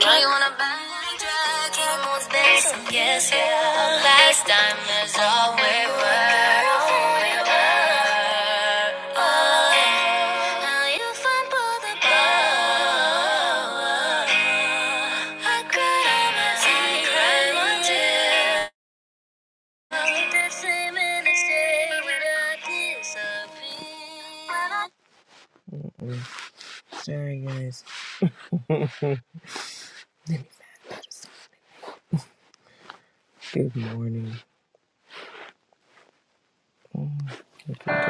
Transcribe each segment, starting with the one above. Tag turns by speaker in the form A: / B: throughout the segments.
A: Now you wanna backtrack, it was based on guess, yeah. Last time is all we were, all we were. Oh, yeah. Now you fumble the ball. I cried all my secret one day. The same in the same without disappearing. Sorry, guys. Good morning. I think I just-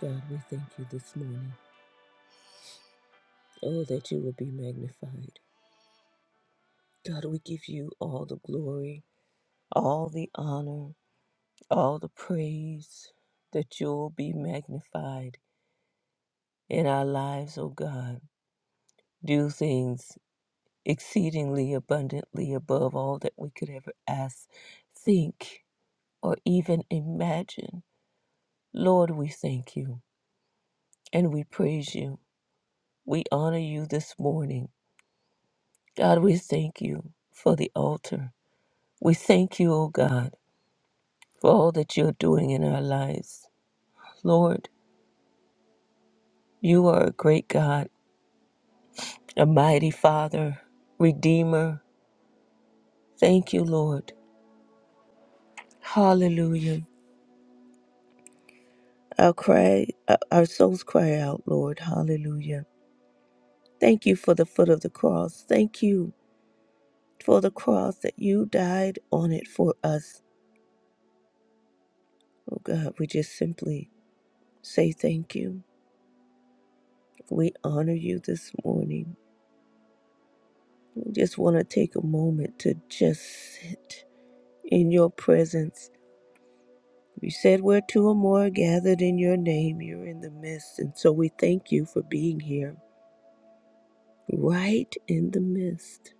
A: God, we thank you this morning. Oh, that you will be magnified. God, we give you all the glory, all the honor, all the praise, that you'll be magnified in our lives, oh God. Do things exceedingly abundantly above all that we could ever ask, think, or even imagine. Lord, we thank you and we praise you. We honor you this morning. God, we thank you for the altar. We thank you, O God for all that you're doing in our lives. Lord, you are a great God, a mighty Father, Redeemer. Thank you, Lord. Hallelujah. Our cry, uh, our souls cry out, Lord. Hallelujah. Thank you for the foot of the cross. Thank you for the cross that you died on it for us. Oh God, we just simply say thank you. We honor you this morning. We just want to take a moment to just sit in your presence You said where two or more are gathered in your name, you're in the midst. And so we thank you for being here, right in the midst.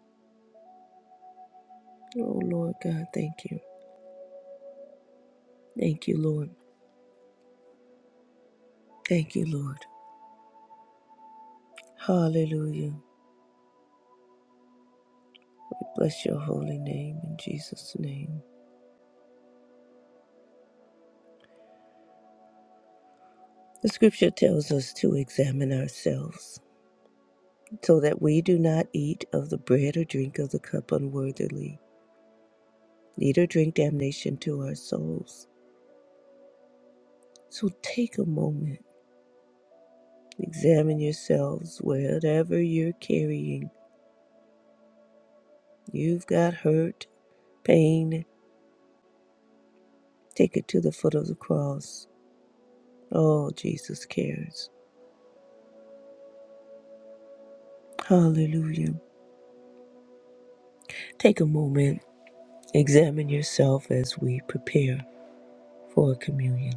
A: Oh, Lord God, thank you. Thank you, Lord. Thank you, Lord. Hallelujah. We bless your holy name in Jesus' name. The scripture tells us to examine ourselves so that we do not eat of the bread or drink of the cup unworthily, neither drink damnation to our souls. So take a moment Examine yourselves, whatever you're carrying. You've got hurt, pain, take it to the foot of the cross. Oh, Jesus cares. Hallelujah. Take a moment, examine yourself as we prepare for communion.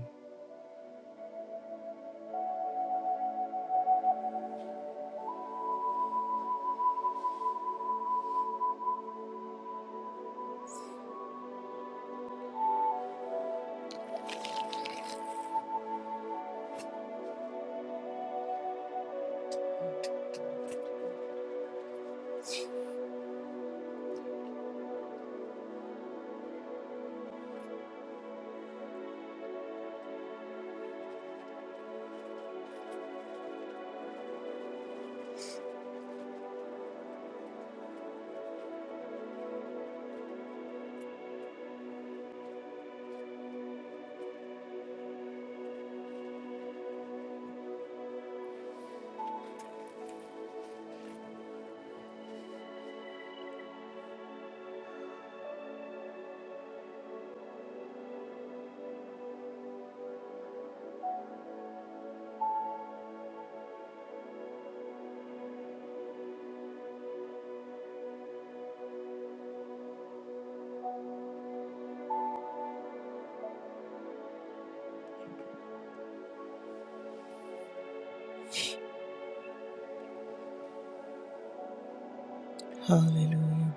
A: Hallelujah.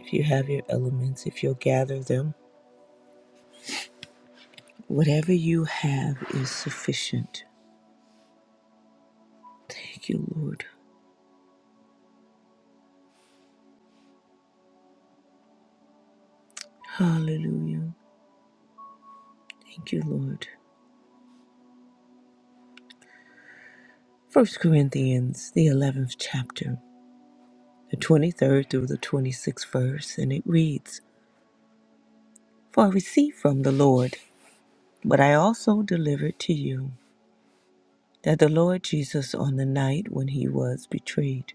A: If you have your elements, if you'll gather them, whatever you have is sufficient. Thank you, Lord. Hallelujah. Thank you, Lord. First Corinthians, the 11th chapter. the 23rd through the 26th verse, and it reads For I received from the Lord what I also delivered to you, that the Lord Jesus, on the night when he was betrayed,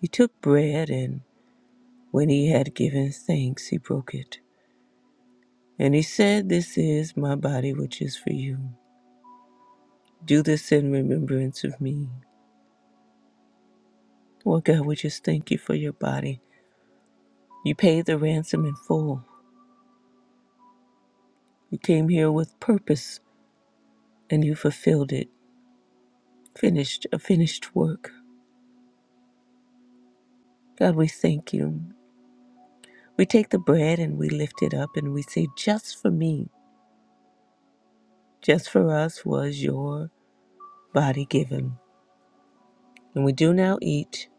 A: he took bread, and when he had given thanks, he broke it. And he said, 'This is my body, which is for you. Do this in remembrance of me. Lord God, we just thank you for your body. You paid the ransom in full. You came here with purpose, and you fulfilled it. Finished a finished work. God, we thank you. We take the bread and we lift it up and we say, Just for me, just for us was your body given. And we do now eat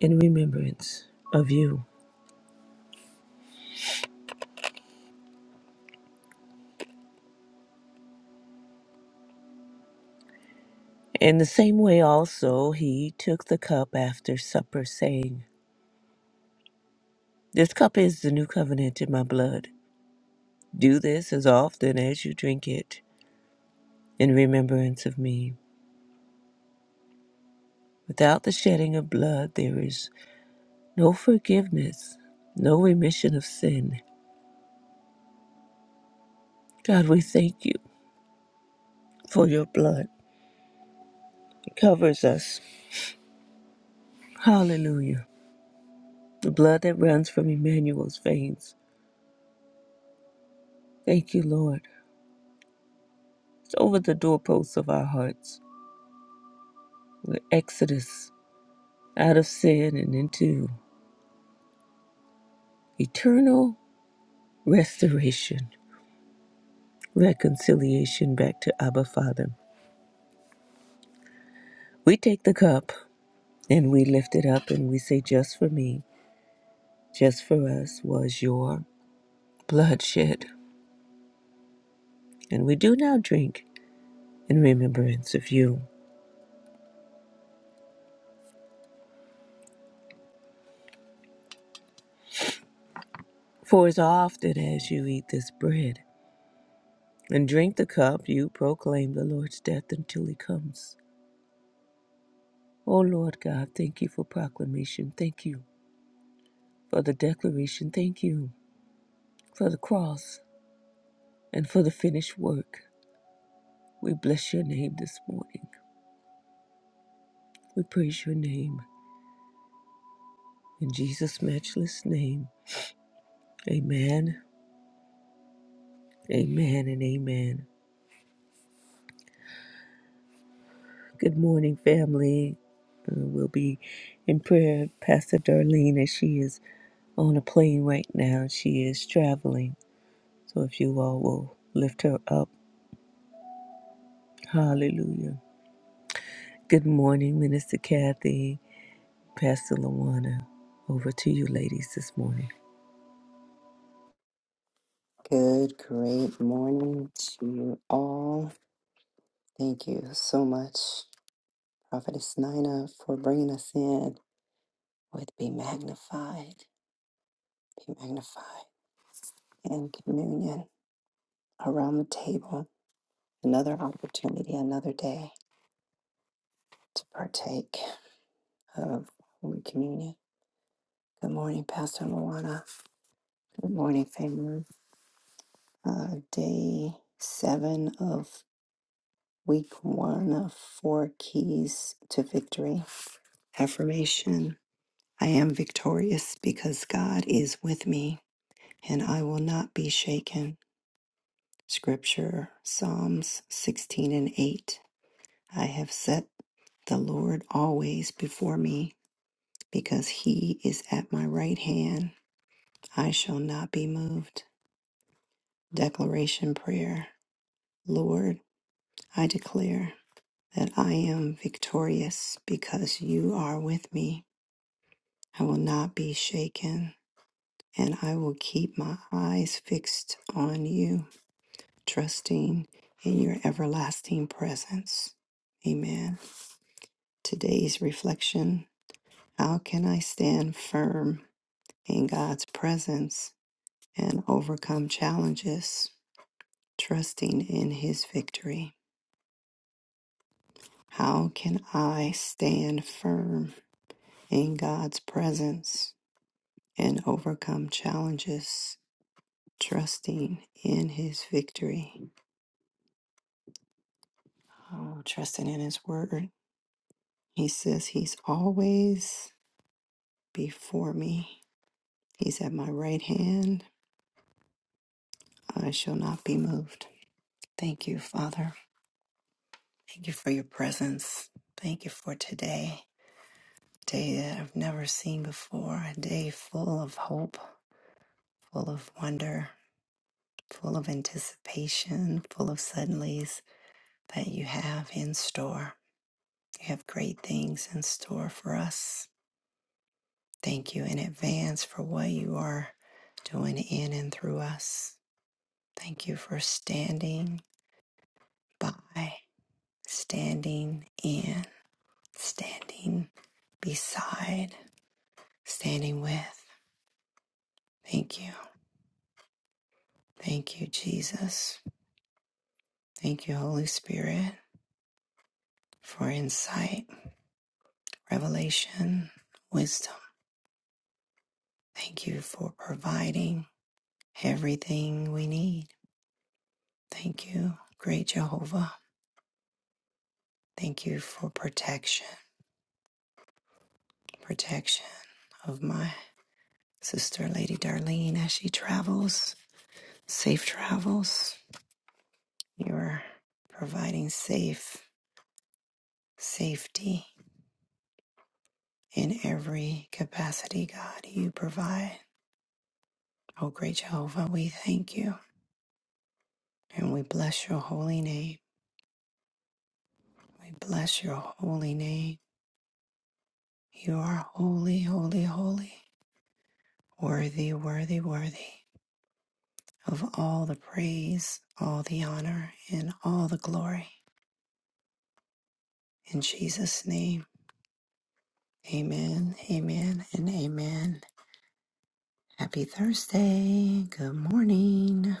A: in remembrance of you. In the same way, also, he took the cup after supper, saying, This cup is the new covenant in my blood. Do this as often as you drink it in remembrance of me. Without the shedding of blood, there is no forgiveness, no remission of sin. God, we thank you for your blood. It covers us. Hallelujah. The blood that runs from Emmanuel's veins. Thank you, Lord. It's over the doorposts of our hearts. We're exodus out of sin and into eternal restoration, reconciliation back to Abba Father. We take the cup and we lift it up and we say, Just for me, just for us was your blood shed," And we do now drink in remembrance of you. For as often as you eat this bread and drink the cup, you proclaim the Lord's death until he comes. O Lord God, thank you for proclamation. Thank you for the declaration. Thank you for the cross and for the finished work. We bless your name this morning. We praise your name. In Jesus' matchless name, amen, amen, and amen. Good morning, family. Uh, we'll be in prayer, Pastor Darlene, as she is on a plane right now. She is traveling. So if you all will lift her up. Hallelujah. Good morning, Minister Kathy, Pastor Lawana. Over to you, ladies, this morning.
B: Good, great morning to you all. Thank you so much, Prophetess Nina, for bringing us in with Be Magnified, Be Magnified, and communion around the table. Another opportunity, another day to partake of Holy Communion. Good morning, Pastor Moana. Good morning, family. Uh, day seven of week one of Four Keys to Victory affirmation. I am victorious because God is with me, and I will not be shaken. Scripture, Psalms 16 and 8. I have set the Lord always before me, because he is at my right hand. I shall not be moved. Declaration Prayer. Lord, I declare that I am victorious because you are with me. I will not be shaken, and I will keep my eyes fixed on you. trusting in your everlasting presence. Amen. Today's reflection How can I stand firm in God's presence and overcome challenges, trusting in His victory? How can I stand firm in God's presence and overcome challenges, trusting in His victory? Oh, trusting in His word. He says He's always before me. He's at my right hand. I shall not be moved. Thank you, Father. Thank you for your presence. Thank you for today, a day that I've never seen before, a day full of hope, full of wonder, full of anticipation, full of suddenlies that you have in store. You have great things in store for us. Thank you in advance for what you are doing in and through us. Thank you for standing by, standing in, standing beside, standing with. Thank you. Thank you, Jesus. Thank you, Holy Spirit, for insight, revelation, wisdom. Thank you for providing everything we need. Thank you, great Jehovah. Thank you for protection, protection of my sister, Lady Darlene, as she travels. Safe travels. You are providing safe safety in every capacity, God. You provide. Oh, great Jehovah, we thank you and we bless your holy name. We bless your holy name. You are holy, holy, holy, worthy, worthy, worthy of all the praise, all the honor, and all the glory. In Jesus' name, amen, amen, and amen. Happy Thursday. Good morning.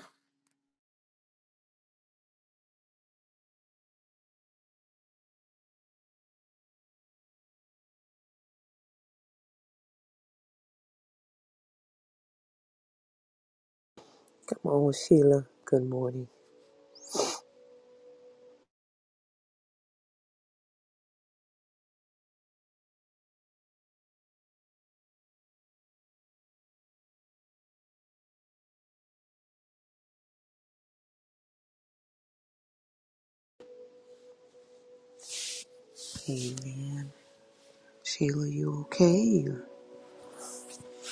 A: Come on, Sheila. Good morning. Amen. Sheila, you okay? You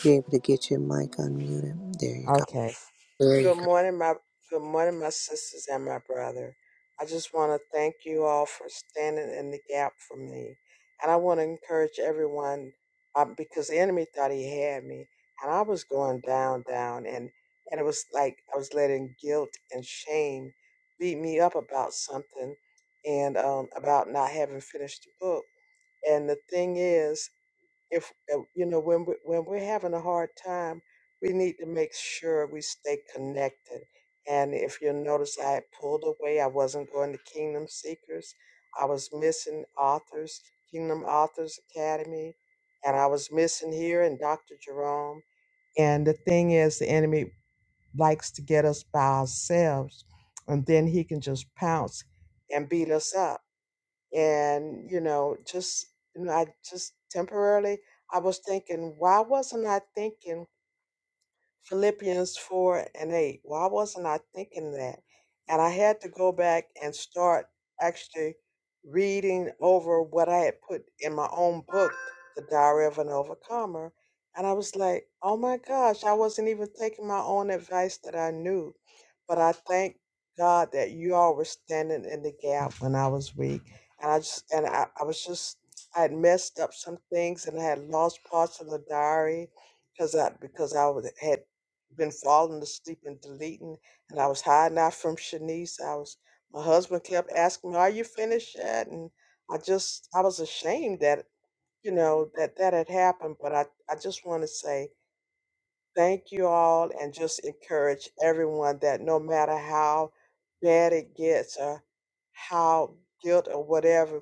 A: you able to get your mic unmuted? There you go.
C: Okay.
A: There you
C: Good morning, my good morning, my sisters and my brother. I just want to thank you all for standing in the gap for me, and I want to encourage everyone uh, because the enemy thought he had me, and I was going down, down, and and it was like I was letting guilt and shame beat me up about something, and um, about not having finished the book. And the thing is if uh, you know when we, when we're having a hard time we need to make sure we stay connected and if you notice i had pulled away i wasn't going to kingdom seekers i was missing authors kingdom authors academy and i was missing here and dr jerome and the thing is, the enemy likes to get us by ourselves, and then he can just pounce and beat us up and you know just you know, i just temporarily i was thinking why wasn't i thinking Philippians 4 and 8. Why wasn't I thinking that? And I had to go back and start actually reading over what I had put in my own book, The Diary of an Overcomer. And I was like, oh my gosh, I wasn't even taking my own advice that I knew. But I thank God that you all were standing in the gap when I was weak. And I just, and I, I was just, I had messed up some things and I had lost parts of the diary because I because I was, had been falling asleep and deleting, and I was hiding out from Shanice. I was my husband kept asking me, "Are you finished yet?" And I just I was ashamed that you know that that had happened, but I I just want to say thank you all and just encourage everyone that no matter how bad it gets or how guilt or whatever,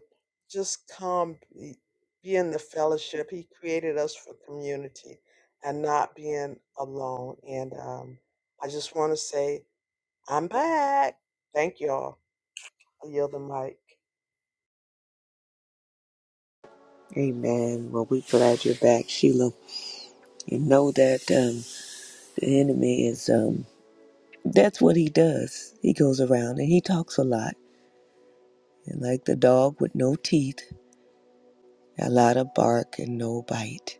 C: just come be, be in the fellowship. He created us for community and not being alone. And um, I just want to say, I'm back. Thank you all. I yield the mic.
A: go. Amen. Well, we're glad you're back, Sheila. You know that um, the enemy is, um, that's what he does. He goes around and he talks a lot. And like the dog with no teeth, a lot of bark and no bite.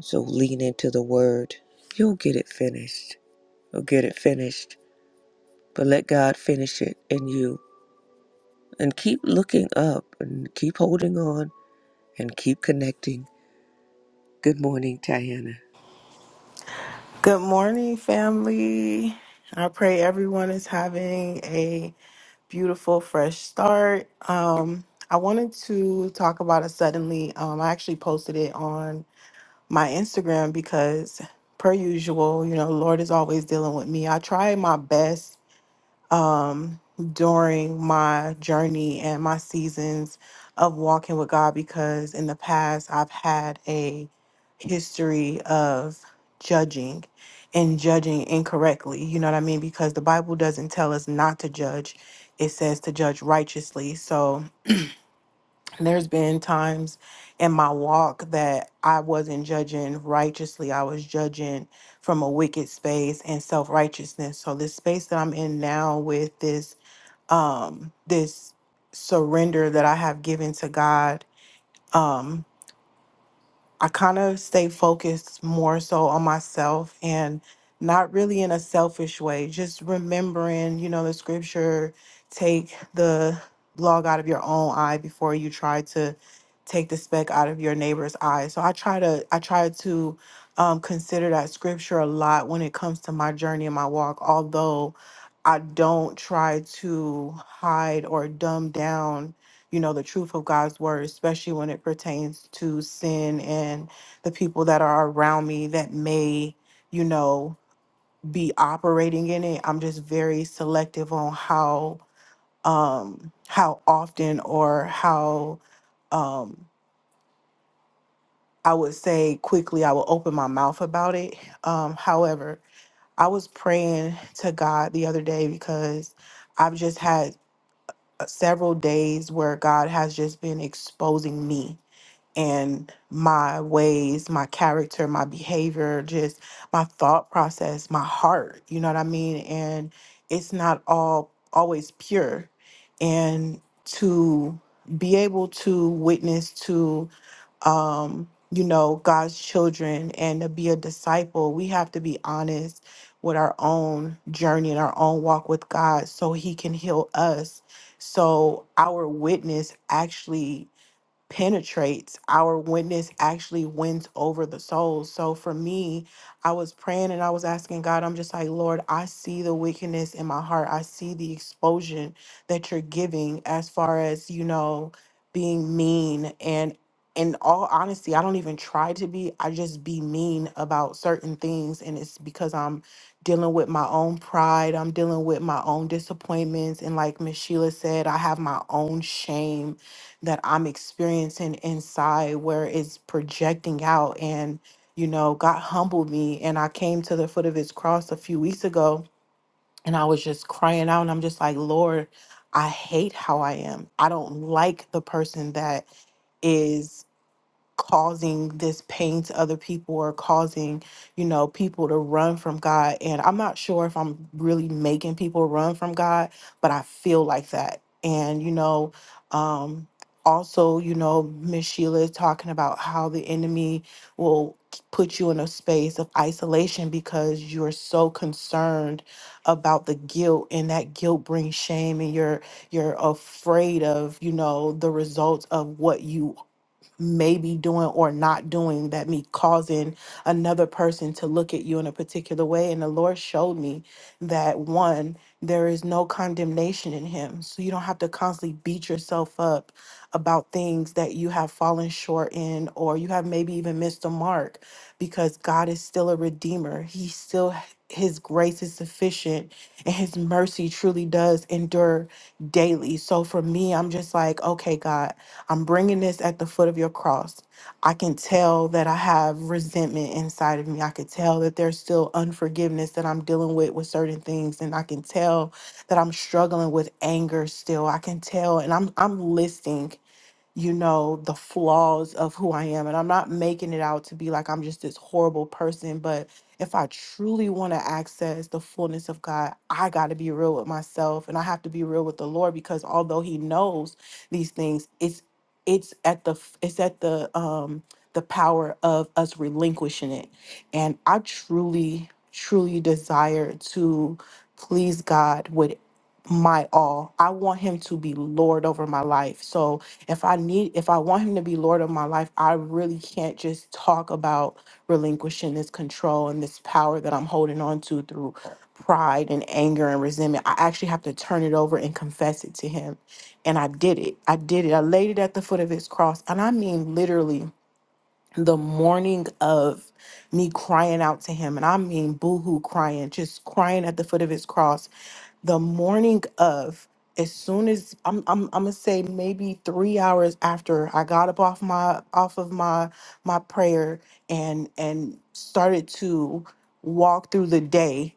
A: So lean into the word. You'll get it finished. You'll get it finished. But let God finish it in you. And keep looking up and keep holding on and keep connecting. Good morning, Diana.
D: Good morning, family. I pray everyone is having a beautiful, fresh start. Um, I wanted to talk about it suddenly. Um, I actually posted it on my Instagram because, per usual, you know, Lord is always dealing with me. I try my best um, during my journey and my seasons of walking with God because in the past I've had a history of judging and judging incorrectly. You know what I mean? Because the Bible doesn't tell us not to judge, it says to judge righteously. So there's been times in my walk that I wasn't judging righteously, I was judging from a wicked space and self righteousness. So, this space that I'm in now with this um, this surrender that I have given to God. Um, I kind of stay focused more so on myself and not really in a selfish way, just remembering, you know, the scripture take the log out of your own eye before you try to take the speck out of your neighbor's eye. So I try to I try to um, consider that scripture a lot when it comes to my journey and my walk, although I don't try to hide or dumb down you know, the truth of God's word, especially when it pertains to sin and the people that are around me that may, you know, be operating in it. I'm just very selective on how um how often or how um I would say quickly I will open my mouth about it. Um however, I was praying to God the other day because I've just had uh, several days where God has just been exposing me and my ways, my character, my behavior, just my thought process, my heart, you know what I mean? And it's not all always pure. And to be able to witness to um you know God's children and to be a disciple, we have to be honest with our own journey and our own walk with God so he can heal us. So our witness actually penetrates our witness actually wins over the souls so for me i was praying and i was asking god i'm just like lord i see the wickedness in my heart i see the exposure that you're giving as far as you know being mean and in all honesty i don't even try to be i just be mean about certain things and it's because i'm dealing with my own pride i'm dealing with my own disappointments and like miss sheila said i have my own shame that I'm experiencing inside where it's projecting out. And, you know, God humbled me. And I came to the foot of his cross a few weeks ago and I was just crying out. And I'm just like, Lord, I hate how I am. I don't like the person that is causing this pain to other people or causing, you know, people to run from God. And I'm not sure if I'm really making people run from God, but I feel like that. And, you know, um, also, you know, Miss Sheila is talking about how the enemy will put you in a space of isolation because you're so concerned about the guilt and that guilt brings shame and you're you're afraid of you know the results of what you may be doing or not doing that may causing another person to look at you in a particular way. And the Lord showed me that one, there is no condemnation in Him. So you don't have to constantly beat yourself up about things that you have fallen short in or you have maybe even missed a mark because God is still a redeemer. He still his grace is sufficient and his mercy truly does endure daily. So for me, I'm just like, okay, God, I'm bringing this at the foot of your cross. I can tell that I have resentment inside of me. I could tell that there's still unforgiveness that I'm dealing with with certain things and I can tell that I'm struggling with anger still. I can tell and I'm I'm listening you know, the flaws of who I am. And I'm not making it out to be like I'm just this horrible person. But if I truly want to access the fullness of God, I got to be real with myself and I have to be real with the Lord because although He knows these things, it's it's at the f- it's at the um the power of us relinquishing it and i truly truly desire to please god with my all i want him to be lord over my life so if I need, if I want him to be Lord of my life, I really can't just talk about relinquishing this control and this power that I'm holding on to through pride and anger and resentment. I actually have to turn it over and confess it to him. And I did it. I did it. I laid it at the foot of his cross. And I mean, literally, the morning of me crying out to him, and I mean, boohoo crying, just crying at the foot of his cross the morning of as soon as I'm, I'm I'm gonna say maybe three hours after I got up off my off of my my prayer and and started to walk through the day,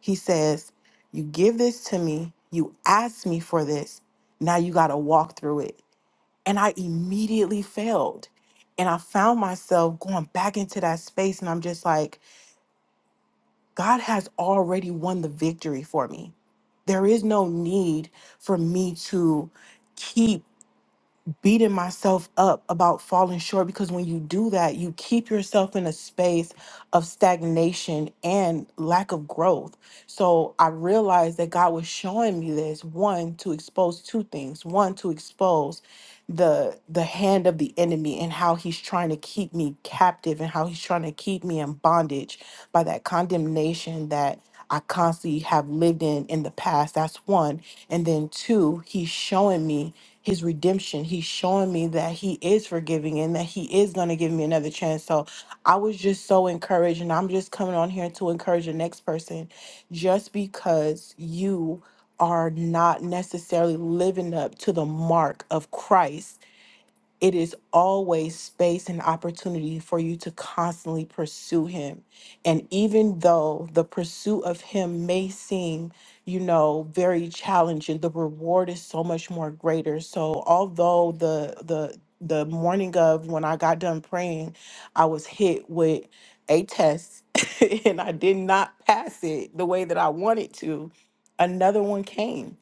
D: he says, "You give this to me. You asked me for this. Now you got to walk through it." And I immediately failed, and I found myself going back into that space, and I'm just like, God has already won the victory for me there is no need for me to keep beating myself up about falling short because when you do that, you keep yourself in a space of stagnation and lack of growth. So I realized that God was showing me this one to expose two things. One to expose the the hand of the enemy and how he's trying to keep me captive and how he's trying to keep me in bondage by that condemnation that I constantly have lived in in the past. That's one. And then two, he's showing me his redemption. He's showing me that he is forgiving and that he is going to give me another chance. So I was just so encouraged. And I'm just coming on here to encourage the next person just because you are not necessarily living up to the mark of Christ it is always space and opportunity for you to constantly pursue him. And even though the pursuit of him may seem, you know, very challenging, the reward is so much more greater. So although the the the morning of when I got done praying, I was hit with a test and I did not pass it the way that I wanted to. Another one came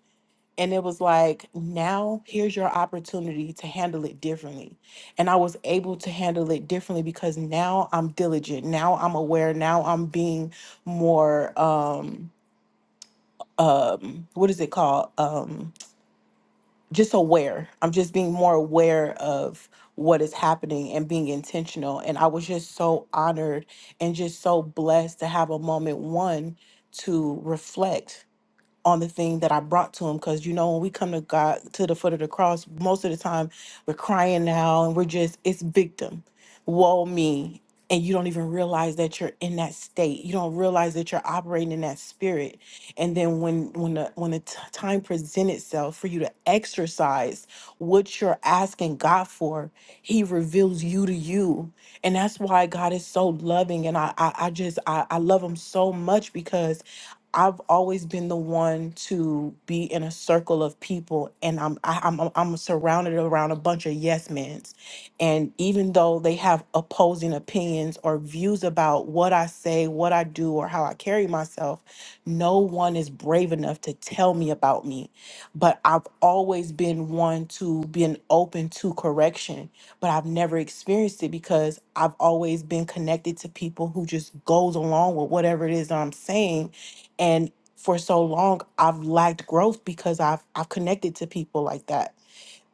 D: and it was like, now here's your opportunity to handle it differently. And I was able to handle it differently because now I'm diligent. Now I'm aware. Now I'm being more, um, um, what is it called? Um, just aware. I'm just being more aware of what is happening and being intentional. And I was just so honored and just so blessed to have a moment, one, to reflect on the thing that I brought to him. Because you know, when we come to God to the foot of the cross, most of the time we're crying now and we're just it's victim, woe me. And you don't even realize that you're in that state. You don't realize that you're operating in that spirit. And then when when the when the t- time presents itself for you to exercise what you're asking God for, He reveals you to you. And that's why God is so loving. And I I, I just I, I love him so much because I've always been the one to be in a circle of people, and I'm I, I'm I'm I'm surrounded around a bunch of yes men's, and even though they have opposing opinions or views about what I say, what I do, or how I carry myself, no one is brave enough to tell me about me. But I've always been one to been open to correction, but I've never experienced it because I've always been connected to people who just goes along with whatever it is that I'm saying and for so long, I've lacked growth because I've I've connected to people like that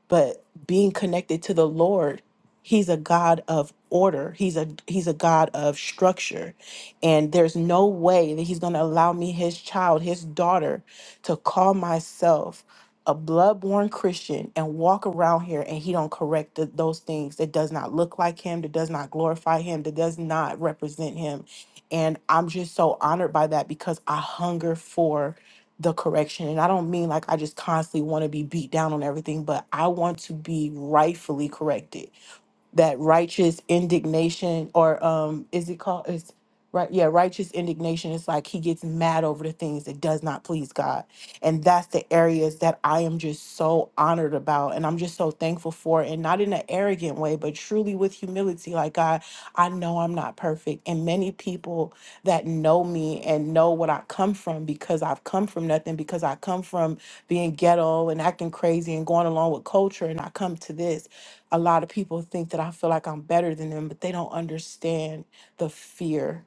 D: but being connected to the Lord, he's a God of order. He's a he's a God of structure. And there's no way that he's going to allow me his child, his daughter to call myself a bloodborn Christian and walk around here and he don't correct th- those things that does not look like him, that does not glorify him, that does not represent him. And I'm just so honored by that because I hunger for the correction. And I don't mean like I just constantly want to be beat down on everything, but I want to be rightfully corrected that righteous indignation or um is it called it's right yeah righteous indignation it's like he gets mad over the things that does not please god and that's the areas that i am just so honored about and i'm just so thankful for and not in an arrogant way but truly with humility like god i know i'm not perfect and many people that know me and know what i come from because i've come from nothing because i come from being ghetto and acting crazy and going along with culture and i come to this a lot of people think that I feel like I'm better than them, but they don't understand the fear,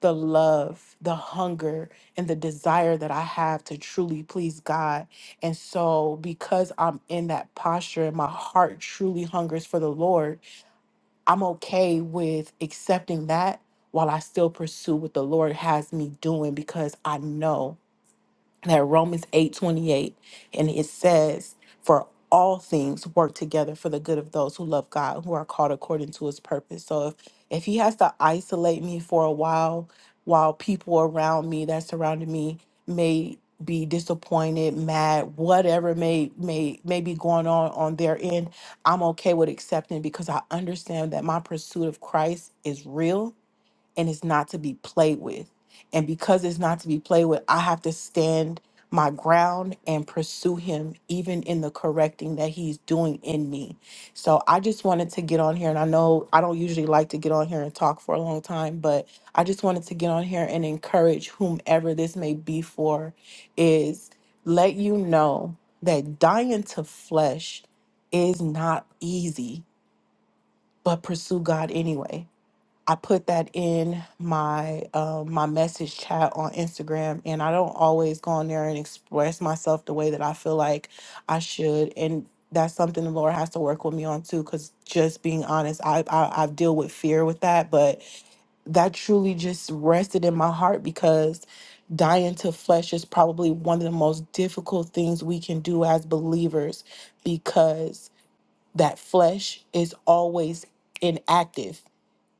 D: the love, the hunger, and the desire that I have to truly please God. And so, because I'm in that posture and my heart truly hungers for the Lord, I'm okay with accepting that while I still pursue what the Lord has me doing because I know that Romans 8 28 and it says, For all things work together for the good of those who love God, who are called according to his purpose. So if, if he has to isolate me for a while, while people around me that surrounded me may be disappointed, mad, whatever may may may be going on on their end, I'm okay with accepting because I understand that my pursuit of Christ is real and it's not to be played with. And because it's not to be played with, I have to stand my ground and pursue him, even in the correcting that he's doing in me. So I just wanted to get on here, and I know I don't usually like to get on here and talk for a long time, but I just wanted to get on here and encourage whomever this may be for is let you know that dying to flesh is not easy, but pursue God anyway I put that in my uh, my message chat on Instagram, and I don't always go on there and express myself the way that I feel like I should, and that's something the Lord has to work with me on too. Because just being honest, I, I I deal with fear with that, but that truly just rested in my heart because dying to flesh is probably one of the most difficult things we can do as believers because that flesh is always inactive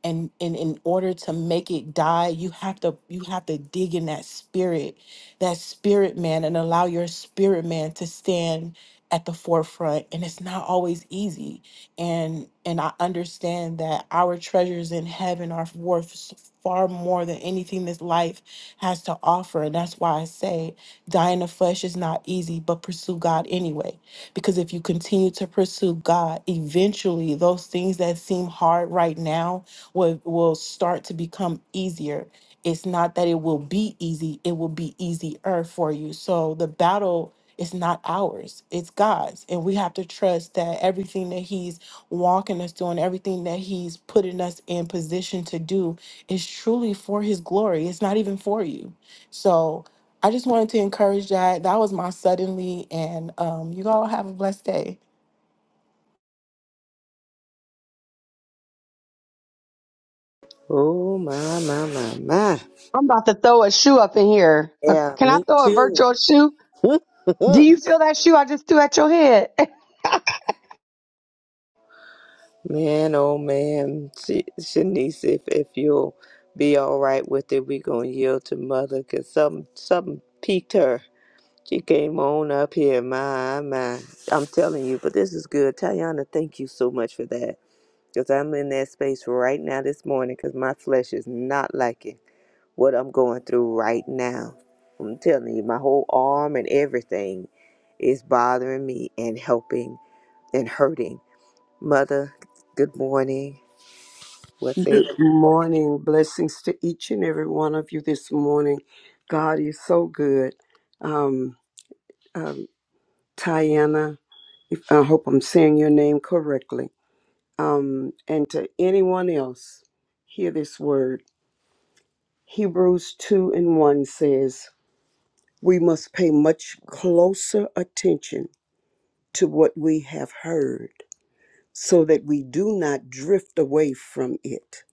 D: and and in order to make it die you have to you have to dig in that spirit that spirit man and allow your spirit man to stand at the forefront and it's not always easy and and i understand that our treasures in heaven are worth s- far more than anything this life has to offer and that's why i say dying of flesh is not easy but pursue god anyway because if you continue to pursue god eventually those things that seem hard right now will, will start to become easier. It's not that it will be easy, it will be easier for you. So the battle is not ours, it's God's. And we have to trust that everything that He's walking us through and everything that He's putting us in position to do is truly for His glory. It's not even for you. So I just wanted to encourage that. That was my suddenly. And um, you all have a blessed day.
A: Oh, my, my, my, my.
E: I'm about to throw a shoe up in here. Uh,
A: Yeah,
E: Can I
A: me
E: throw a
A: too.
E: virtual shoe? Do you feel that shoe I just threw at your head?
A: Man, oh man, Sh- Shanice, if if you'll be all right with it, we gonna yield to mother, cause something something piqued her. She came on up here, my my. I'm telling you, but this is good. Tayana, thank you so much for that, cause I'm in that space right now this morning, cause my flesh is not liking what I'm going through right now. I'm telling you, my whole arm and everything is bothering me and helping and hurting. Mother, good morning. What say the
F: Good morning. Blessings to each and every one of you this morning. God is so good. Um, um, Tiana, if, I hope I'm saying your name correctly. Um, and to anyone else, hear this word. Hebrews 2 and 1 says, We must pay much closer attention to what we have heard so that we do not drift away from it.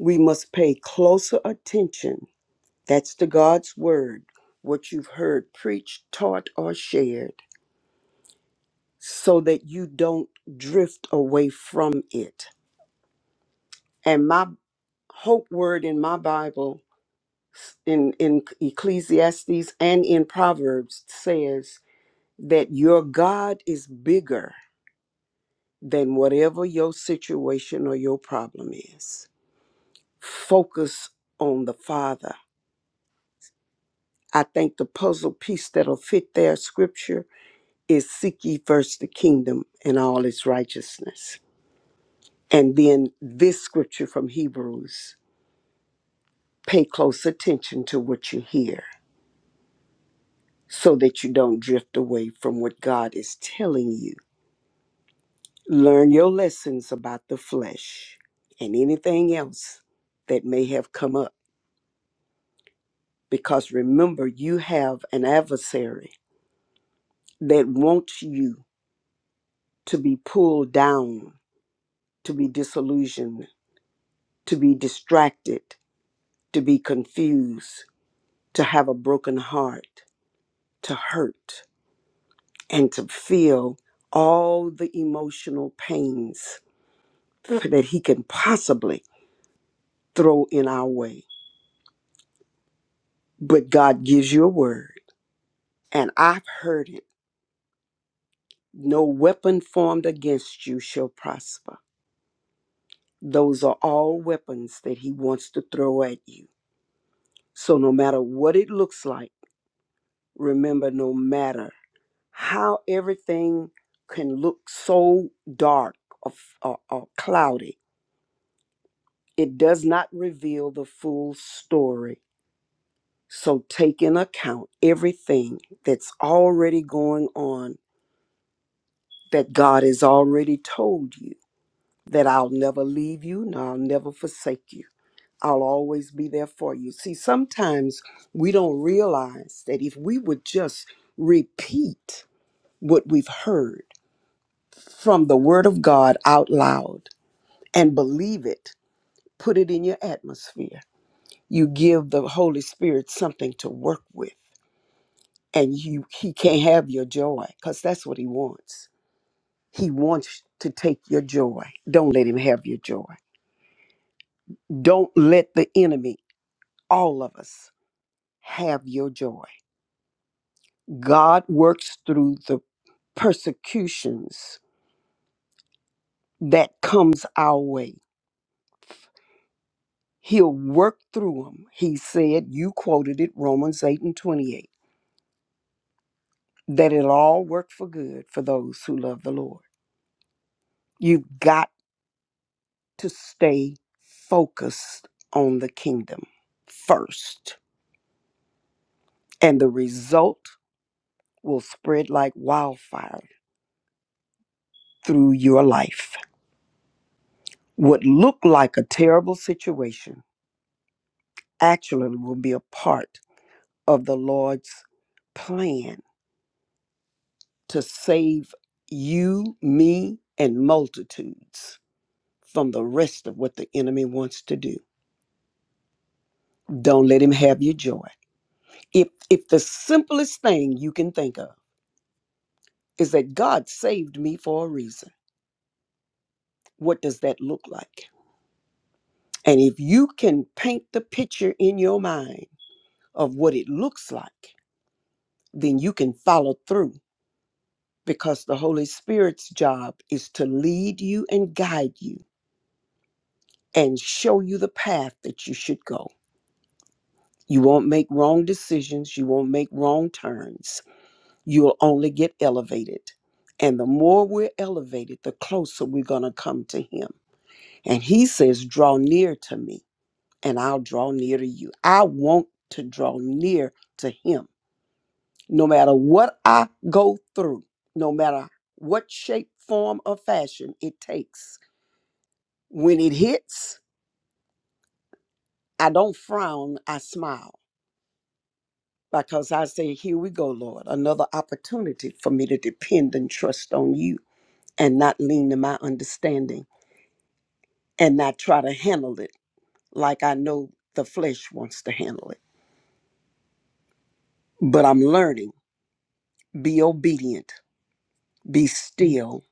F: We must pay closer attention That's the God's word, what you've heard preached, taught, or shared, so that you don't drift away from it. And my hope word in my Bible, in, in Ecclesiastes and in Proverbs, says that your God is bigger than whatever your situation or your problem is. Focus on the Father. I think the puzzle piece that'll fit their scripture is seek ye first the kingdom and all its righteousness. And then this scripture from Hebrews pay close attention to what you hear so that you don't drift away from what God is telling you. Learn your lessons about the flesh and anything else that may have come up. Because remember, you have an adversary that wants you to be pulled down, to be disillusioned, to be distracted to be confused, to have a broken heart, to hurt, and to feel all the emotional pains that He can possibly throw in our way. But God gives you a word, and I've heard it. No weapon formed against you shall prosper. Those are all weapons that He wants to throw at you. So, no matter what it looks like, remember no matter how everything can look so dark or, f- or, or cloudy. It does not reveal the full story. So take in account everything that's already going on that God has already told you that I'll never leave you and I'll never forsake you. I'll always be there for you. See, sometimes we don't realize that if we would just repeat what we've heard from the Word of God out loud, and believe it. Put it in your atmosphere. You give the Holy Spirit something to work with, and you he can't have your joy because that's what he wants. He wants to take your joy. Don't let him have your joy. Don't let the enemy, all of us, have your joy. God works through the persecutions that comes our way. He'll work through them. He said, you quoted it, Romans 8 and 28 that it'll all work for good for those who love the Lord. You've got to stay focused on the kingdom first, and the result will spread like wildfire through your life. What looked like a terrible situation actually will be a part of the Lord's plan to save you, me, and multitudes from the rest of what the enemy wants to do. Don't let him have your joy If if the simplest thing you can think of is that God saved me for a reason, what does that look like? And if you can paint the picture in your mind of what it looks like, then you can follow through because the Holy Spirit's job is to lead you and guide you and show you the path that you should go. You won't make wrong decisions, you won't make wrong turns you'll only get elevated. And the more we're elevated, the closer we're going to come to Him. And He says, Draw near to me, and I'll draw near to you. I want to draw near to Him. No matter what I go through, no matter what shape, form, or fashion it takes, when it hits, I don't frown, I smile. Because I say, Here we go, Lord, another opportunity for me to depend and trust on you and not lean to my understanding and not try to handle it like I know the flesh wants to handle it. But I'm learning. Be obedient, be still,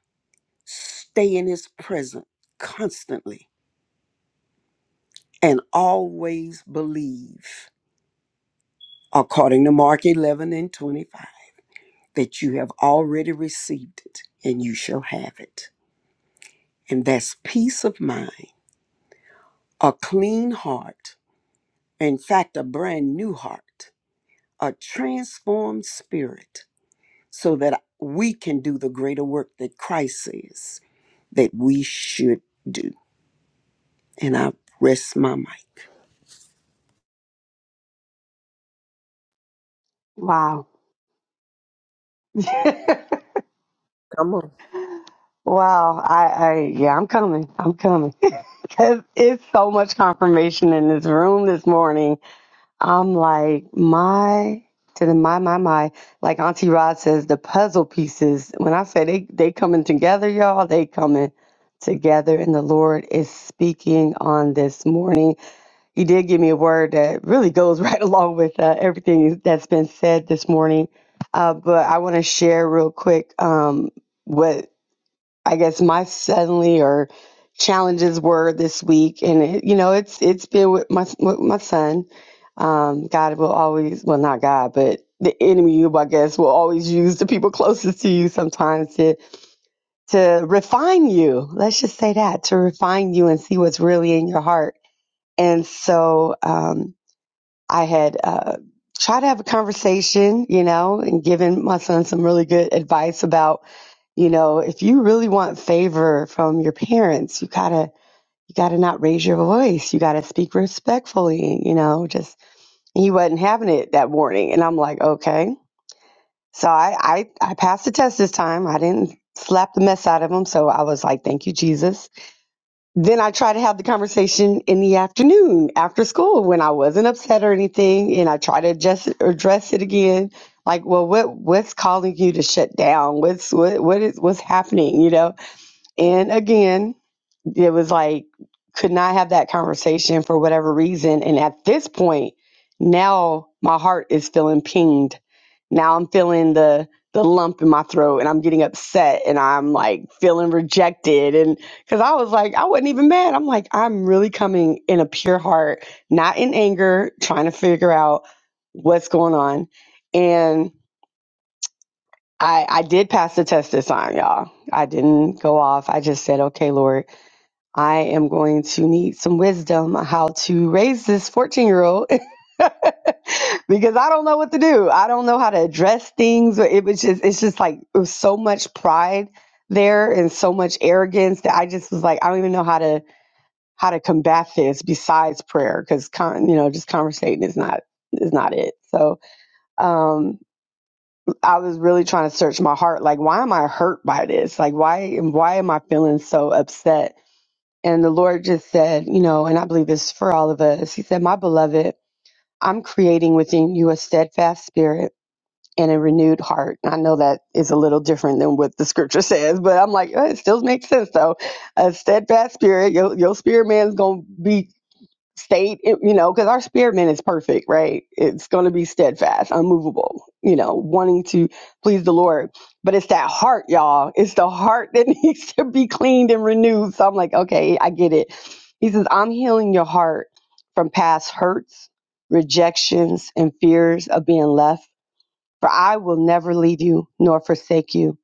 F: stay in His presence constantly, and always believe, according to Mark 11 and 25, that you have already received it and you shall have it. And that's peace of mind, a clean heart, in fact, a brand new heart, a transformed spirit so that we can do the greater work that Christ says that we should do. And I rest my mic.
E: wow.
A: come on.
E: wow. I, I, yeah, I'm coming. I'm coming. Cause it's so much confirmation in this room this morning. I'm like, my, to the my, my, my, like Auntie Rod says, the puzzle pieces, when I say they, they coming together, y'all, they coming together. And the Lord is speaking on this morning You did give me a word that really goes right along with uh, everything that's been said this morning. Uh, but I want to share real quick um, what I guess my suddenly or challenges were this week, and it, you know it's it's been with my with my son. Um, God will always, well, not God, but the enemy, I guess, will always use the people closest to you sometimes to to refine you. Let's just say that to refine you and see what's really in your heart. And so, um, I had uh, tried to have a conversation, you know, and given my son some really good advice about, you know, if you really want favor from your parents, you gotta you gotta not raise your voice. You gotta speak respectfully, you know, just he wasn't having it that morning. And I'm like, okay. So I I, I passed the test this time. I didn't slap the mess out of him. So I was like, thank you, Jesus then I try to have the conversation in the afternoon after school when I wasn't upset or anything, and I try to just address it again. Like, well, what what's calling you to shut down? What's what what is what's happening? You know, and again, it was like, could not have that conversation for whatever reason. And at this point, now my heart is feeling pinged. Now I'm feeling the the lump in my throat and I'm getting upset and I'm like feeling rejected and cuz I was like I wasn't even mad. I'm like I'm really coming in a pure heart, not in anger, trying to figure out what's going on. And I I did pass the test this time, y'all. I didn't go off. I just said, "Okay, Lord, I am going to need some wisdom how to raise this 14 year old because I don't know what to do. I don't know how to address things. It was just, it's just like, it was so much pride there and so much arrogance that I just was like, I don't even know how to, how to combat this besides prayer. Cause con, you know, just conversating is not, is not it. So, um, I was really trying to search my heart. Like, why am I hurt by this? Like, why, why am I feeling so upset? And the Lord just said, you know, and I believe this is for all of us. He said, My beloved, I'm creating within you a steadfast spirit and a renewed heart. And I know that is a little different than what the scripture says, but I'm like, "Oh, it still makes sense though. A steadfast spirit, your, your spirit man's going to be State, in- you know, because our spirit man is perfect, right? It's going to be steadfast, unmovable, you know, wanting to please the Lord. But it's that heart, y'all. It's the heart that needs to be cleaned and renewed. So I'm like, okay, I get it. He says, I'm healing your heart from past hurts, rejections, and fears of being left. For I will never leave you nor forsake you.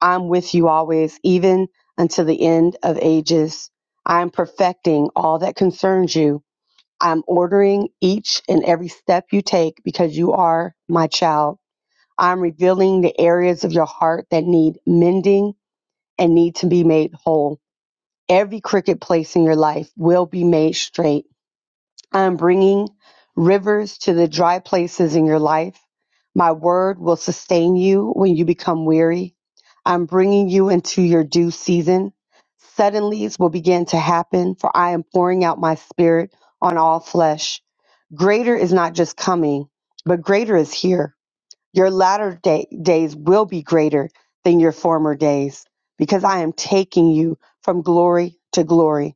E: I'm with you always, even until the end of ages. I am perfecting all that concerns you I'm ordering each and every step you take because you are my child. I'm revealing the areas of your heart that need mending and need to be made whole. Every crooked place in your life will be made straight. I'm bringing rivers to the dry places in your life. My word will sustain you when you become weary. I'm bringing you into your due season. Suddenlies will begin to happen, for I am pouring out my spirit on all flesh. Greater is not just coming, but greater is here. Your latter day, days will be greater than your former days because I am taking you from glory to glory.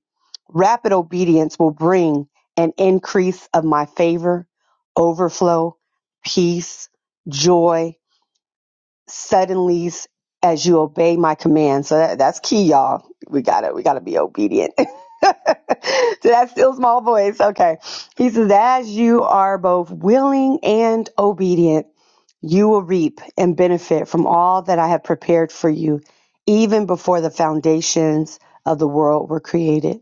E: Rapid obedience will bring an increase of my favor, overflow, peace, joy, suddenly as you obey my command. So that, that's key, y'all. We gotta we gotta be obedient. to that still small voice. Okay. He says, as you are both willing and obedient, you will reap and benefit from all that I have prepared for you, even before the foundations of the world were created.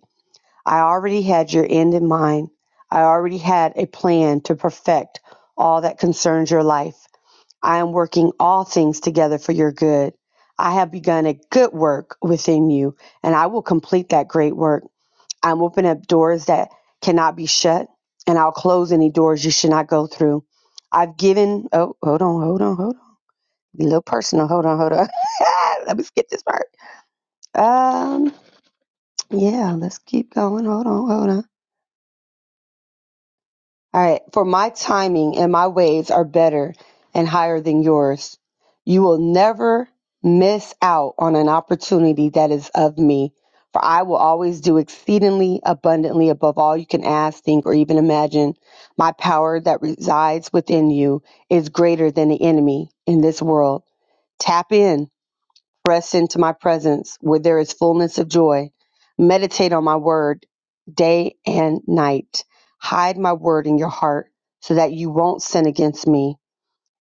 E: I already had your end in mind. I already had a plan to perfect all that concerns your life. I am working all things together for your good. I have begun a good work within you, and I will complete that great work. I'm opening up doors that cannot be shut, and I'll close any doors you should not go through. I've given, oh, hold on, hold on, hold on. Be A little personal, hold on, hold on. Let me skip this part. Um, yeah, let's keep going. Hold on, hold on. All right. For my timing and my ways are better and higher than yours. You will never miss out on an opportunity that is of me, for I will always do exceedingly abundantly above all you can ask, think, or even imagine. My power that resides within you is greater than the enemy in this world. Tap in Press into my presence where there is fullness of joy. Meditate on my word day and night. Hide my word in your heart so that you won't sin against me.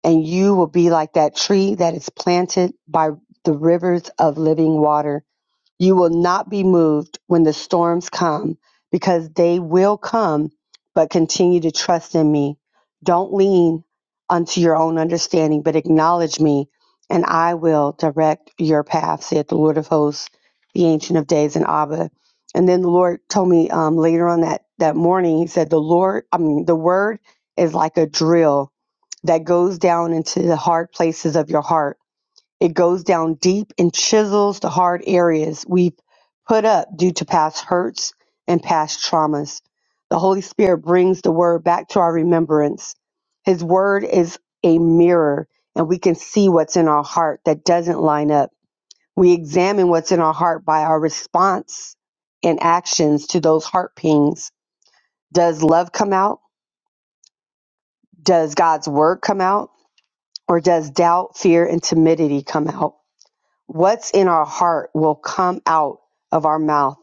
E: And you will be like that tree that is planted by the rivers of living water you will not be moved when the storms come, because they will come, but continue to trust in me. Don't lean unto your own understanding, but acknowledge me, and I will direct your path, saith the Lord of hosts, the Ancient of Days, and Abba. And then the Lord told me um, later on that, that morning, He said, The Lord, I mean, the word is like a drill that goes down into the hard places of your heart it goes down deep and chisels the hard areas we've put up due to past hurts and past traumas. The Holy Spirit brings the word back to our remembrance. His word is a mirror, and we can see what's in our heart that doesn't line up. We examine what's in our heart by our response and actions to those heart pings. Does love come out? Does God's word come out? Or does doubt, fear, and timidity come out? What's in our heart will come out of our mouth.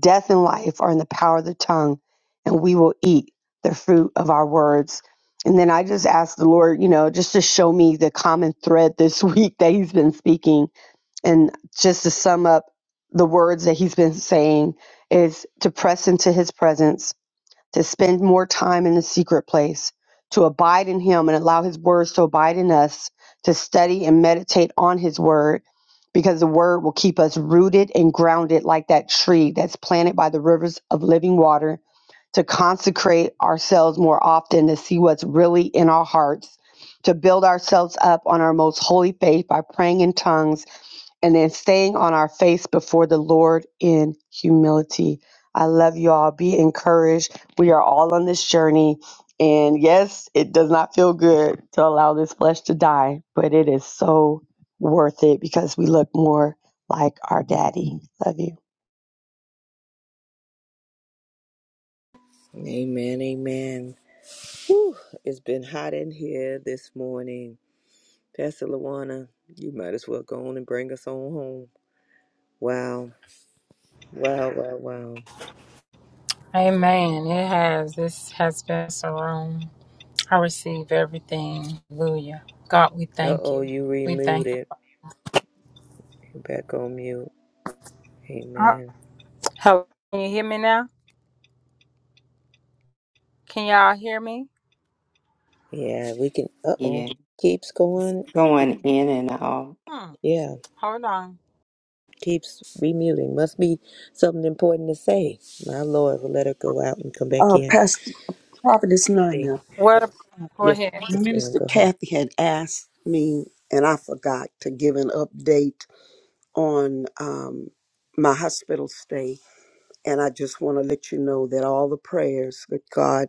E: Death and life are in the power of the tongue, and we will eat the fruit of our words. And then I just asked the Lord, you know, just to show me the common thread this week that He's been speaking. And just to sum up the words that He's been saying is to press into His presence to spend more time in the secret place, to abide in Him and allow His words to abide in us, to study and meditate on His word, because the word will keep us rooted and grounded like that tree that's planted by the rivers of living water, to consecrate ourselves more often to see what's really in our hearts. To build ourselves up on our most holy faith by praying in tongues and then staying on our face before the Lord in humility. I love you all. Be encouraged. We are all on this journey. And yes, it does not feel good to allow this flesh to die, but it is so worth it because we look more like our daddy. Love you.
A: Amen, amen. Whew, it's been hot in here this morning. Pastor Lawana, you might as well go on and bring us on home. Wow. Wow, wow, wow.
G: Amen. It has. This has been so room. I receive everything. Hallelujah. God, we
A: Uh
G: thank
A: oh,
G: you.
A: you
G: We thank you.
A: remuted. You're back on mute.
G: Uh,
A: Amen.
G: Hello. Can you hear me now? Can y'all hear me?
A: Yeah, we can uh oh. Keeps going.
B: going in and out.
G: Hmm.
A: Yeah.
G: Hold on.
A: Keeps remuting. Must be something important to say. My Lord will let her go out and come back
F: Uh,
A: in.
F: Pastor Providence
A: Yes,
F: Nina,
G: Where the go
A: yes,
G: ahead.
A: yes, ma'am.
F: Minister
A: Go ahead.
F: Kathy had asked me, and I forgot to give an update on um, my hospital stay. And I just want to let you know that all the prayers that God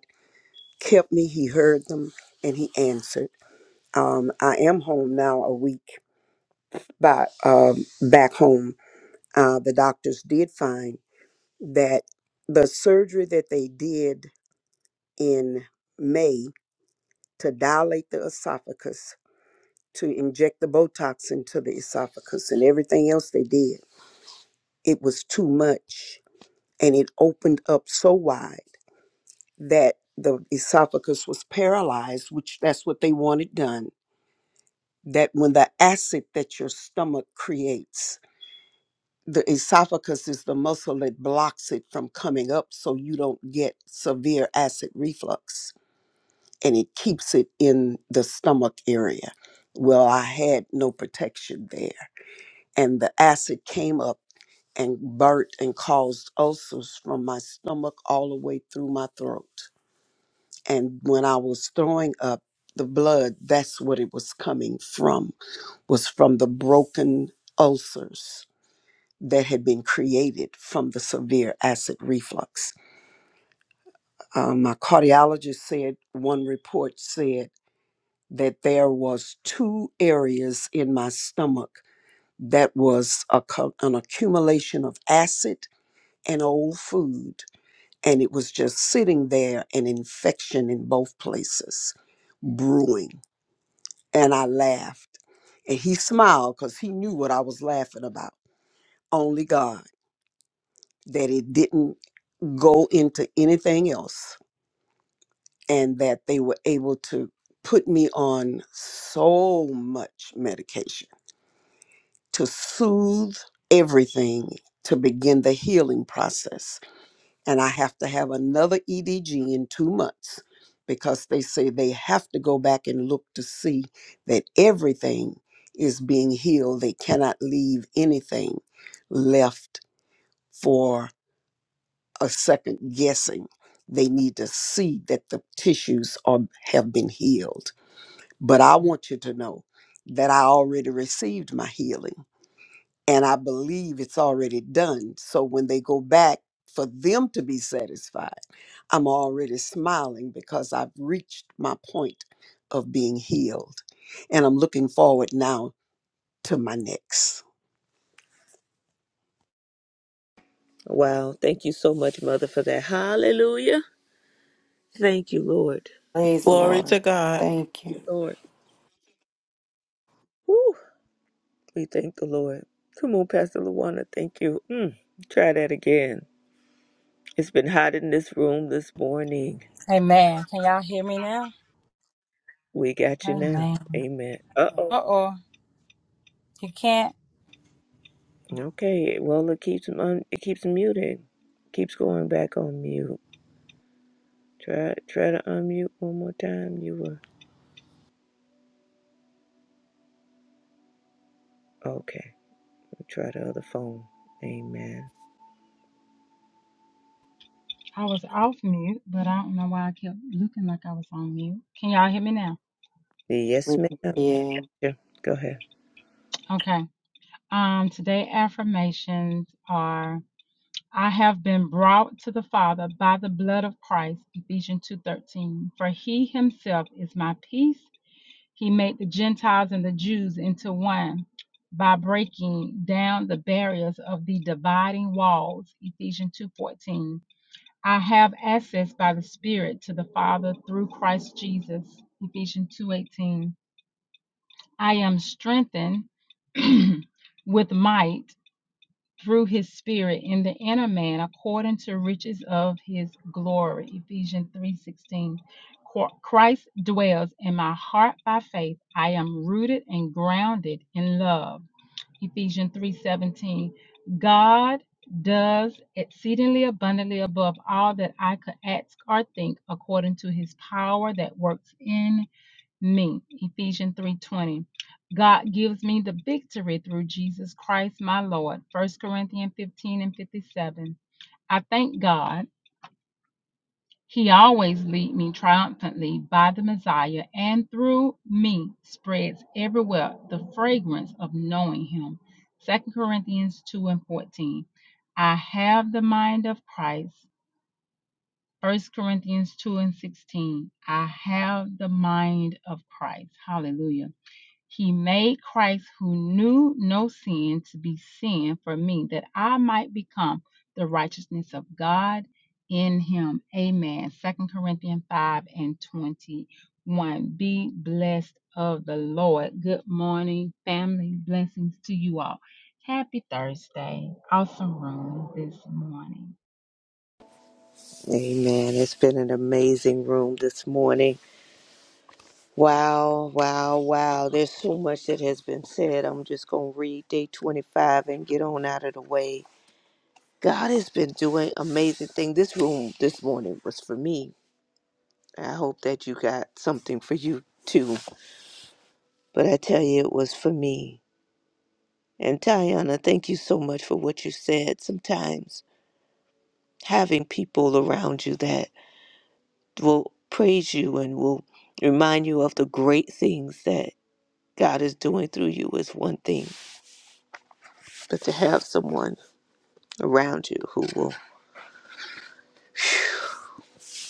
F: kept me, He heard them and He answered. Um, I am home now a week by um, back home Uh, the doctors did find that the surgery that they did in May to dilate the esophagus, to inject the Botox into the esophagus, and everything else they did, it was too much. And it opened up so wide that the esophagus was paralyzed, which that's what they wanted done. That when the acid that your stomach creates the esophagus is the muscle that blocks it from coming up so you don't get severe acid reflux and it keeps it in the stomach area. Well, I had no protection there, and the acid came up and burnt and caused ulcers from my stomach all the way through my throat. And when I was throwing up the blood, that's what it was coming from, was from the broken ulcers that had been created from the severe acid reflux. Um, my cardiologist said one report said that there was two areas in my stomach that was a, co- an accumulation of acid and old food and it was just sitting there an infection in both places brewing and i laughed and he smiled because he knew what i was laughing about only god that it didn't go into anything else and that they were able to put me on so much medication to soothe everything to begin the healing process and i have to have another edg in 2 months because they say they have to go back and look to see that everything is being healed they cannot leave anything left for. a second guessing. They need to see that the tissues are have been healed. But I want you to know that I already received my healing and I believe it's already done. So when they go back for them to be satisfied, I'm already smiling because I've reached my point of being healed. And I'm looking forward now to my next.
A: Wow. Thank you so much, Mother, for that. Hallelujah. Thank you, Lord.
B: Praise the
D: Glory to
B: Lord.
D: God.
B: Thank you.
A: Thank you, Lord. Woo. We thank the Lord. Come on, Pastor Luana. Thank you. Mm, try that again. It's been hot in this room this morning.
G: Amen. Can y'all hear me now?
A: We got you now.
G: Amen.
A: Amen. Uh oh.
G: Uh oh. You can't?
A: Okay. Well, it keeps on. It keeps muting. Keeps going back on mute. Try try to unmute one more time. You were okay. Try the other phone. Amen.
H: I was off mute, but I don't know why I kept looking like I was on mute. Can y'all hear me now?
A: Yes, ma'am.
B: Yeah.
A: Yeah, Go ahead.
H: Okay. Um, today affirmations are I have been brought to the Father by the blood of Christ, Ephesians 2:13. For he himself is my peace. He made the Gentiles and the Jews into one by breaking down the barriers of the dividing walls, Ephesians 2:14. I have access by the Spirit to the Father through Christ Jesus. Ephesians 2:18. I am strengthened with might through his spirit in the inner man according to riches of his glory. Ephesians 3:16. Christ dwells in my heart by faith. I am rooted and grounded in love. Ephesians 3:17. God does exceedingly abundantly above all that I could ask or think according to his power that works in me. Ephesians 3:20. God gives me the victory through Jesus Christ my Lord. First Corinthians 15 and 57. I thank God he always leads me triumphantly by the Messiah and through me spreads everywhere the fragrance of knowing him. Second Corinthians 2 and 14. I have the mind of Christ. First Corinthians 2 and 16. I have the mind of Christ. Hallelujah. He made Christ, who knew no sin, to be sin for me, that I might become the righteousness of God in him. Amen. Second Corinthians 5 and 21. Be blessed of the Lord. Good morning, family. Blessings to you all. Happy Thursday. Awesome room this morning.
A: Amen. It's been an amazing room this morning. Wow, wow, wow. There's so much that has been said. I'm just going to read day 25 and get on out of the way. God has been doing amazing things. This room this morning was for me. I hope that you got something for you too. But I tell you, it was for me. And Tiana, thank you so much for what you said. Sometimes having people around you that will praise you and will remind you of the great things that God is doing through you is one thing, but to have someone around you who will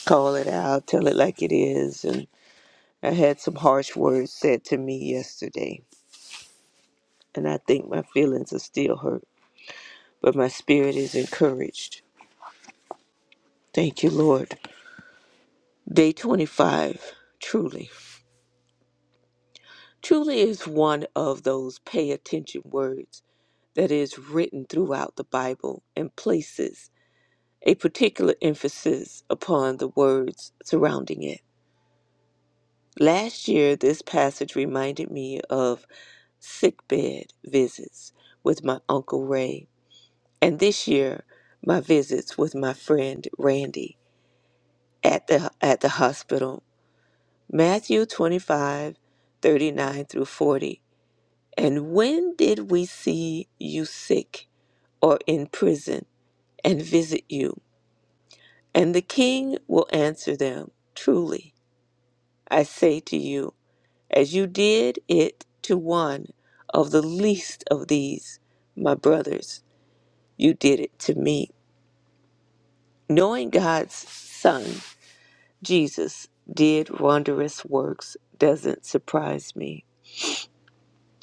A: call it out, tell it like it is. And I had some harsh words said to me yesterday, and I think my feelings are still hurt, but my spirit is encouraged. Thank you, Lord. Day 25, truly. Truly is one of those pay attention words that is written throughout the Bible and places a particular emphasis upon the words surrounding it. Last year, this passage reminded me of sickbed visits with my Uncle Ray, and this year, my visits with my friend Randy at the, at the hospital. Matthew 25, 39 through 40. And when did we see you sick or in prison and visit you? And the king will answer them Truly, I say to you, as you did it to one of the least of these, my brothers, you did it to me. Knowing God's Son, Jesus, did wondrous works doesn't surprise me.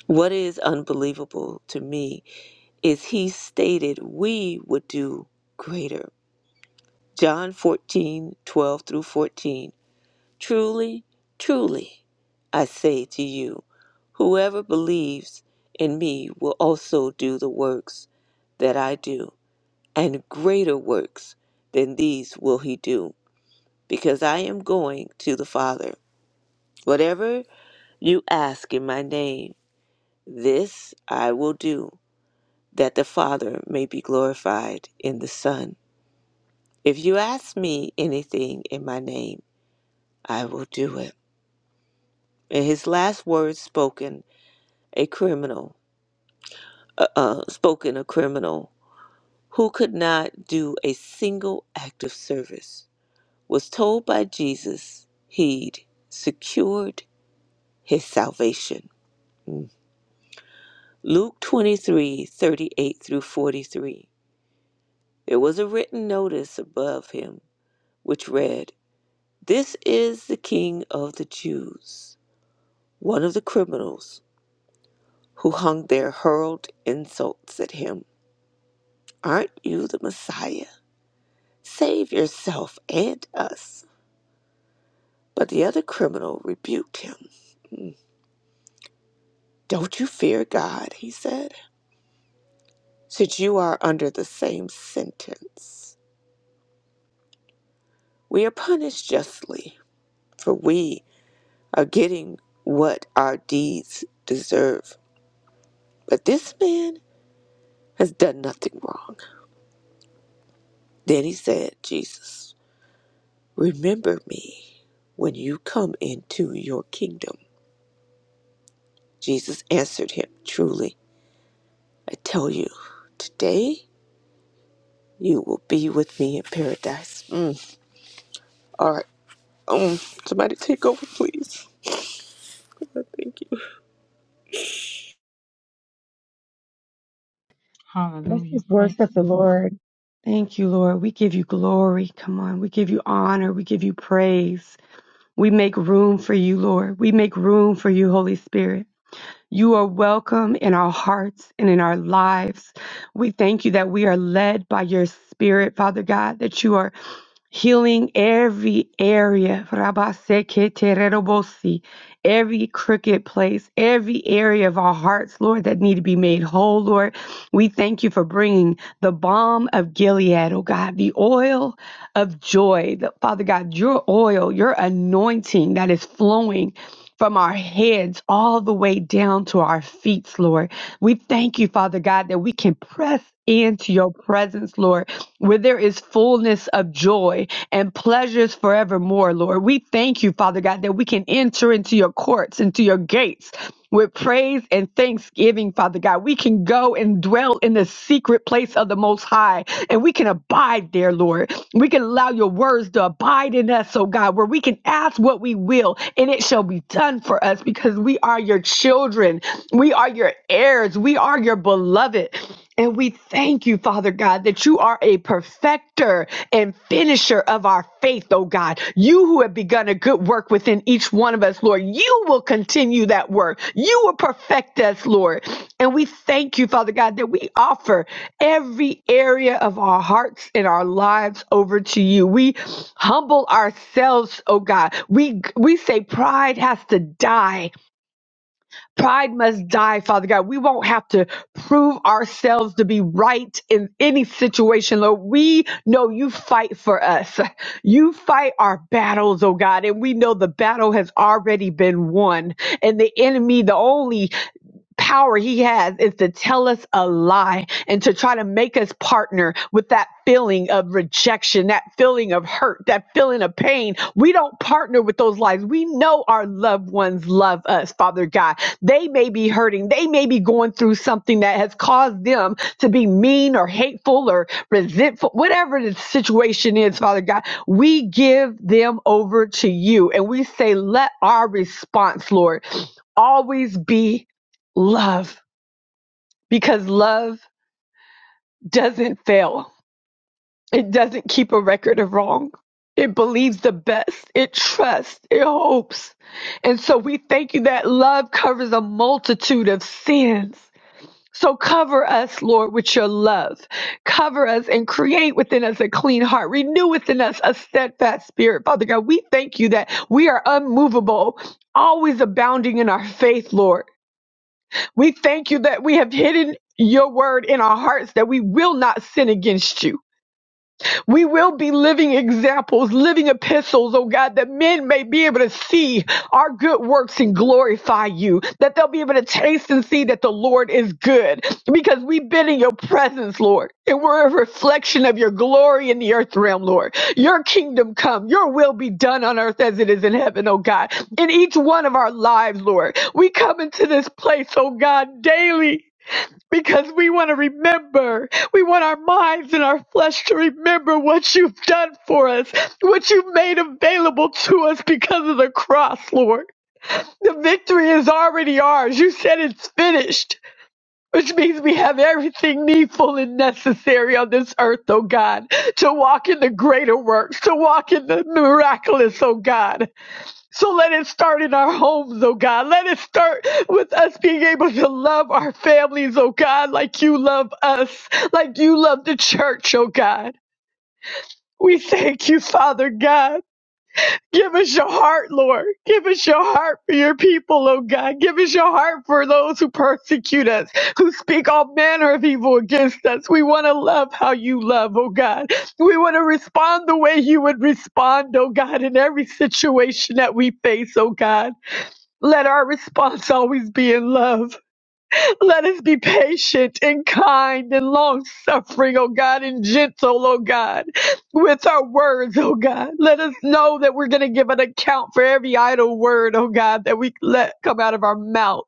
A: What is unbelievable to me is he stated we would do greater. John 14 12 through 14 Truly, truly, I say to you, whoever believes in me will also do the works that I do, and greater works than these will he do, because I am going to the Father. Whatever you ask in my name, this I will do, that the Father may be glorified in the Son. If you ask me anything in my name, I will do it. And his last words spoken a criminal, uh, uh, spoken a criminal, who could not do a single act of service, was told by Jesus he'd secured his salvation. Mm. Luke 23 38 through 43. There was a written notice above him which read, This is the King of the Jews. One of the criminals who hung there hurled insults at him. Aren't you the Messiah? Save yourself and us. But the other criminal rebuked him. Don't you fear God, he said, since you are under the same sentence. We are punished justly, for we are getting what our deeds deserve. But this man has done nothing wrong. Then he said, Jesus, remember me when you come into your kingdom. Jesus answered him, Truly, I tell you, today. You will be with me in paradise. Mm. All right. Um, somebody take over, please. Thank you.
E: Let's
H: Hallelujah.
E: just
H: Praise
E: worship the
H: the Lord.
E: Lord. Thank you, Lord. We give you glory. Come on. We give you honor. We give you praise. We make room for you, Lord. We make room for you, Holy Spirit. You are welcome in our hearts and in our lives. We thank you that we are led by your spirit, Father God, that you are healing every area, Rabaseketerebosi, every crooked place, every area of our hearts, Lord, that need to be made whole, Lord. We thank you for bringing the balm of Gilead, oh God, the oil of joy, the, Father God, your oil, your anointing that is flowing. From our heads all the way down to our feet, Lord. We thank you, Father God, that we can press into your presence, Lord where there is fullness of joy and pleasures forevermore, Lord. We thank you, Father God, that we can enter into your courts, into your gates. With praise and thanksgiving, Father God, we can go and dwell in the secret place of the Most High and we can abide there, Lord. We can allow your words to abide in us, oh God, where we can ask what we will and it shall be done for us because we are your children. We are your heirs. We are your beloved. And we thank you, Father God, that you are a perfecter and finisher of our faith, oh God. You who have begun a good work within each one of us, Lord, you will continue that work. You will perfect us, Lord. And we thank you, Father God, that we offer every area of our hearts and our lives over to you. We humble ourselves, oh God. We we say pride has to die Pride must die, Father God. We won't have to prove ourselves to be right in any situation, Lord. We know you fight for us. You fight our battles, oh God, and we know the battle has already been won. And the enemy, the only power he has is to tell us a lie and to try to make us partner with that feeling of rejection, that feeling of hurt, that feeling of pain. We don't partner with those lies. We know our loved ones love us, Father God. They may be hurting. They may be going through something that has caused them to be mean or hateful or resentful, whatever the situation is, Father God. We give them over to you and we say, let our response, Lord, always be love because love doesn't fail. It doesn't keep a record of wrong. It believes the best. It trusts. It hopes. And so we thank you that love covers a multitude of sins. So cover us, Lord, with your love. Cover us and create within us a clean heart. Renew within us a steadfast spirit. Father God, we thank you that we are unmovable, always abounding in our faith, Lord. We thank you that we have hidden your word in our hearts that we will not sin against you. We will be living examples, living epistles, oh God, that men may be able to see our good works and glorify you, that they'll be able to taste and see that the Lord is good because we've been in your presence, Lord, and we're a reflection of your glory in the earth realm, Lord. Your kingdom come, your will be done on earth as it is in heaven, oh God, in each one of our lives, Lord. We come into this place, oh God, daily because we want to remember. We want our minds and our flesh to remember what you've done for us, what you've made available to us because of the cross, Lord. The victory is already ours. You said it's finished. Which means we have everything needful and necessary on this earth, oh God, to walk in the greater works, to walk in the miraculous, oh God. So let it start in our homes, oh God. Let it start with us being able to love our families, oh God, like you love us, like you love the church, oh God. We thank you, Father God. Give us your heart, Lord. Give us your heart for your people, oh God. Give us your heart for those who persecute us, who speak all manner of evil against us. We want to love how you love, oh God. We want to respond the way you would respond, oh God, in every situation that we face, oh God. Let our response always be in love. Let us be patient and kind and long suffering, oh God, and gentle, oh God, with our words, oh God. Let us know that we're going to give an account for every idle word, oh God, that we let come out of our mouth.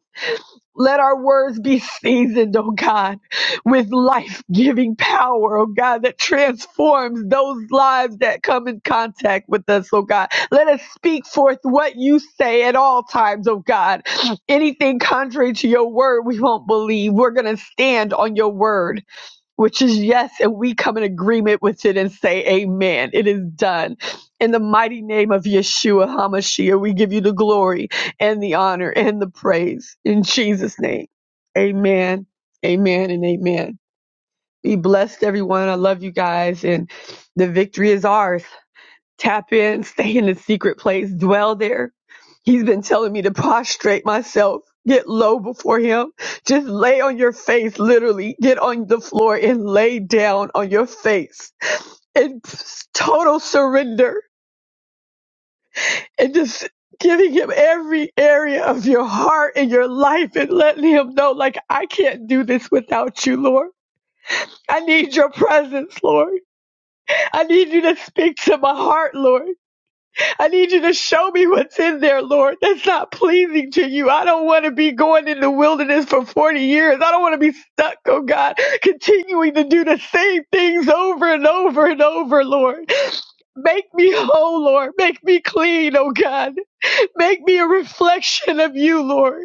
E: Let our words be seasoned, oh God, with life giving power, oh God, that transforms those lives that come in contact with us, oh God. Let us speak forth what you say at all times, oh God. Anything contrary to your word, we won't believe. We're going to stand on your word which is yes, and we come in agreement with it and say, Amen. It is done. In the mighty name of Yeshua HaMashiach, we give you the glory and the honor and the praise. In Jesus' name, Amen, Amen, and Amen. Be blessed, everyone. I love you guys, and the victory is ours. Tap in, stay in the secret place, dwell there. He's been telling me to prostrate myself, get low before him. Just lay on your face, literally. Get on the floor and lay down on your face in total surrender and just giving him every area of your heart and your life and letting him know, like, I can't do this without you, Lord. I need your presence, Lord. I need you to speak to my heart, Lord. I need you to show me what's in there, Lord. That's not pleasing to you. I don't want to be going in the wilderness for 40 years. I don't want to be stuck, oh God, continuing to do the same things over and over and over, Lord. Make me whole, Lord. Make me clean, oh God. Make me a reflection of you, Lord.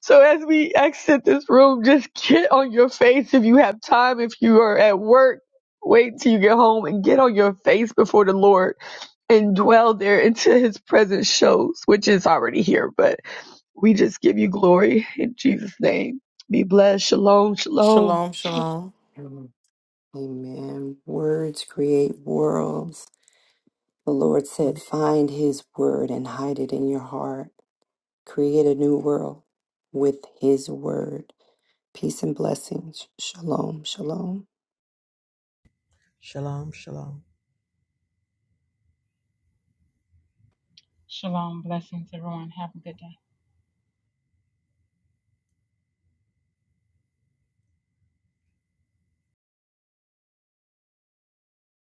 E: So as we exit this room, just get on your face if you have time. If you are at work, wait till you get home and get on your face before the Lord and dwell there until his presence shows, which is already here. But we just give you glory in Jesus' name. Be blessed. Shalom. Shalom.
D: Shalom, shalom.
B: Amen. Words create worlds. The Lord said, Find his word and hide it in your heart. Create a new world with his word. Peace and blessings. Shalom. Shalom.
C: Shalom, shalom.
H: Shalom. Blessings, everyone. Have a good day.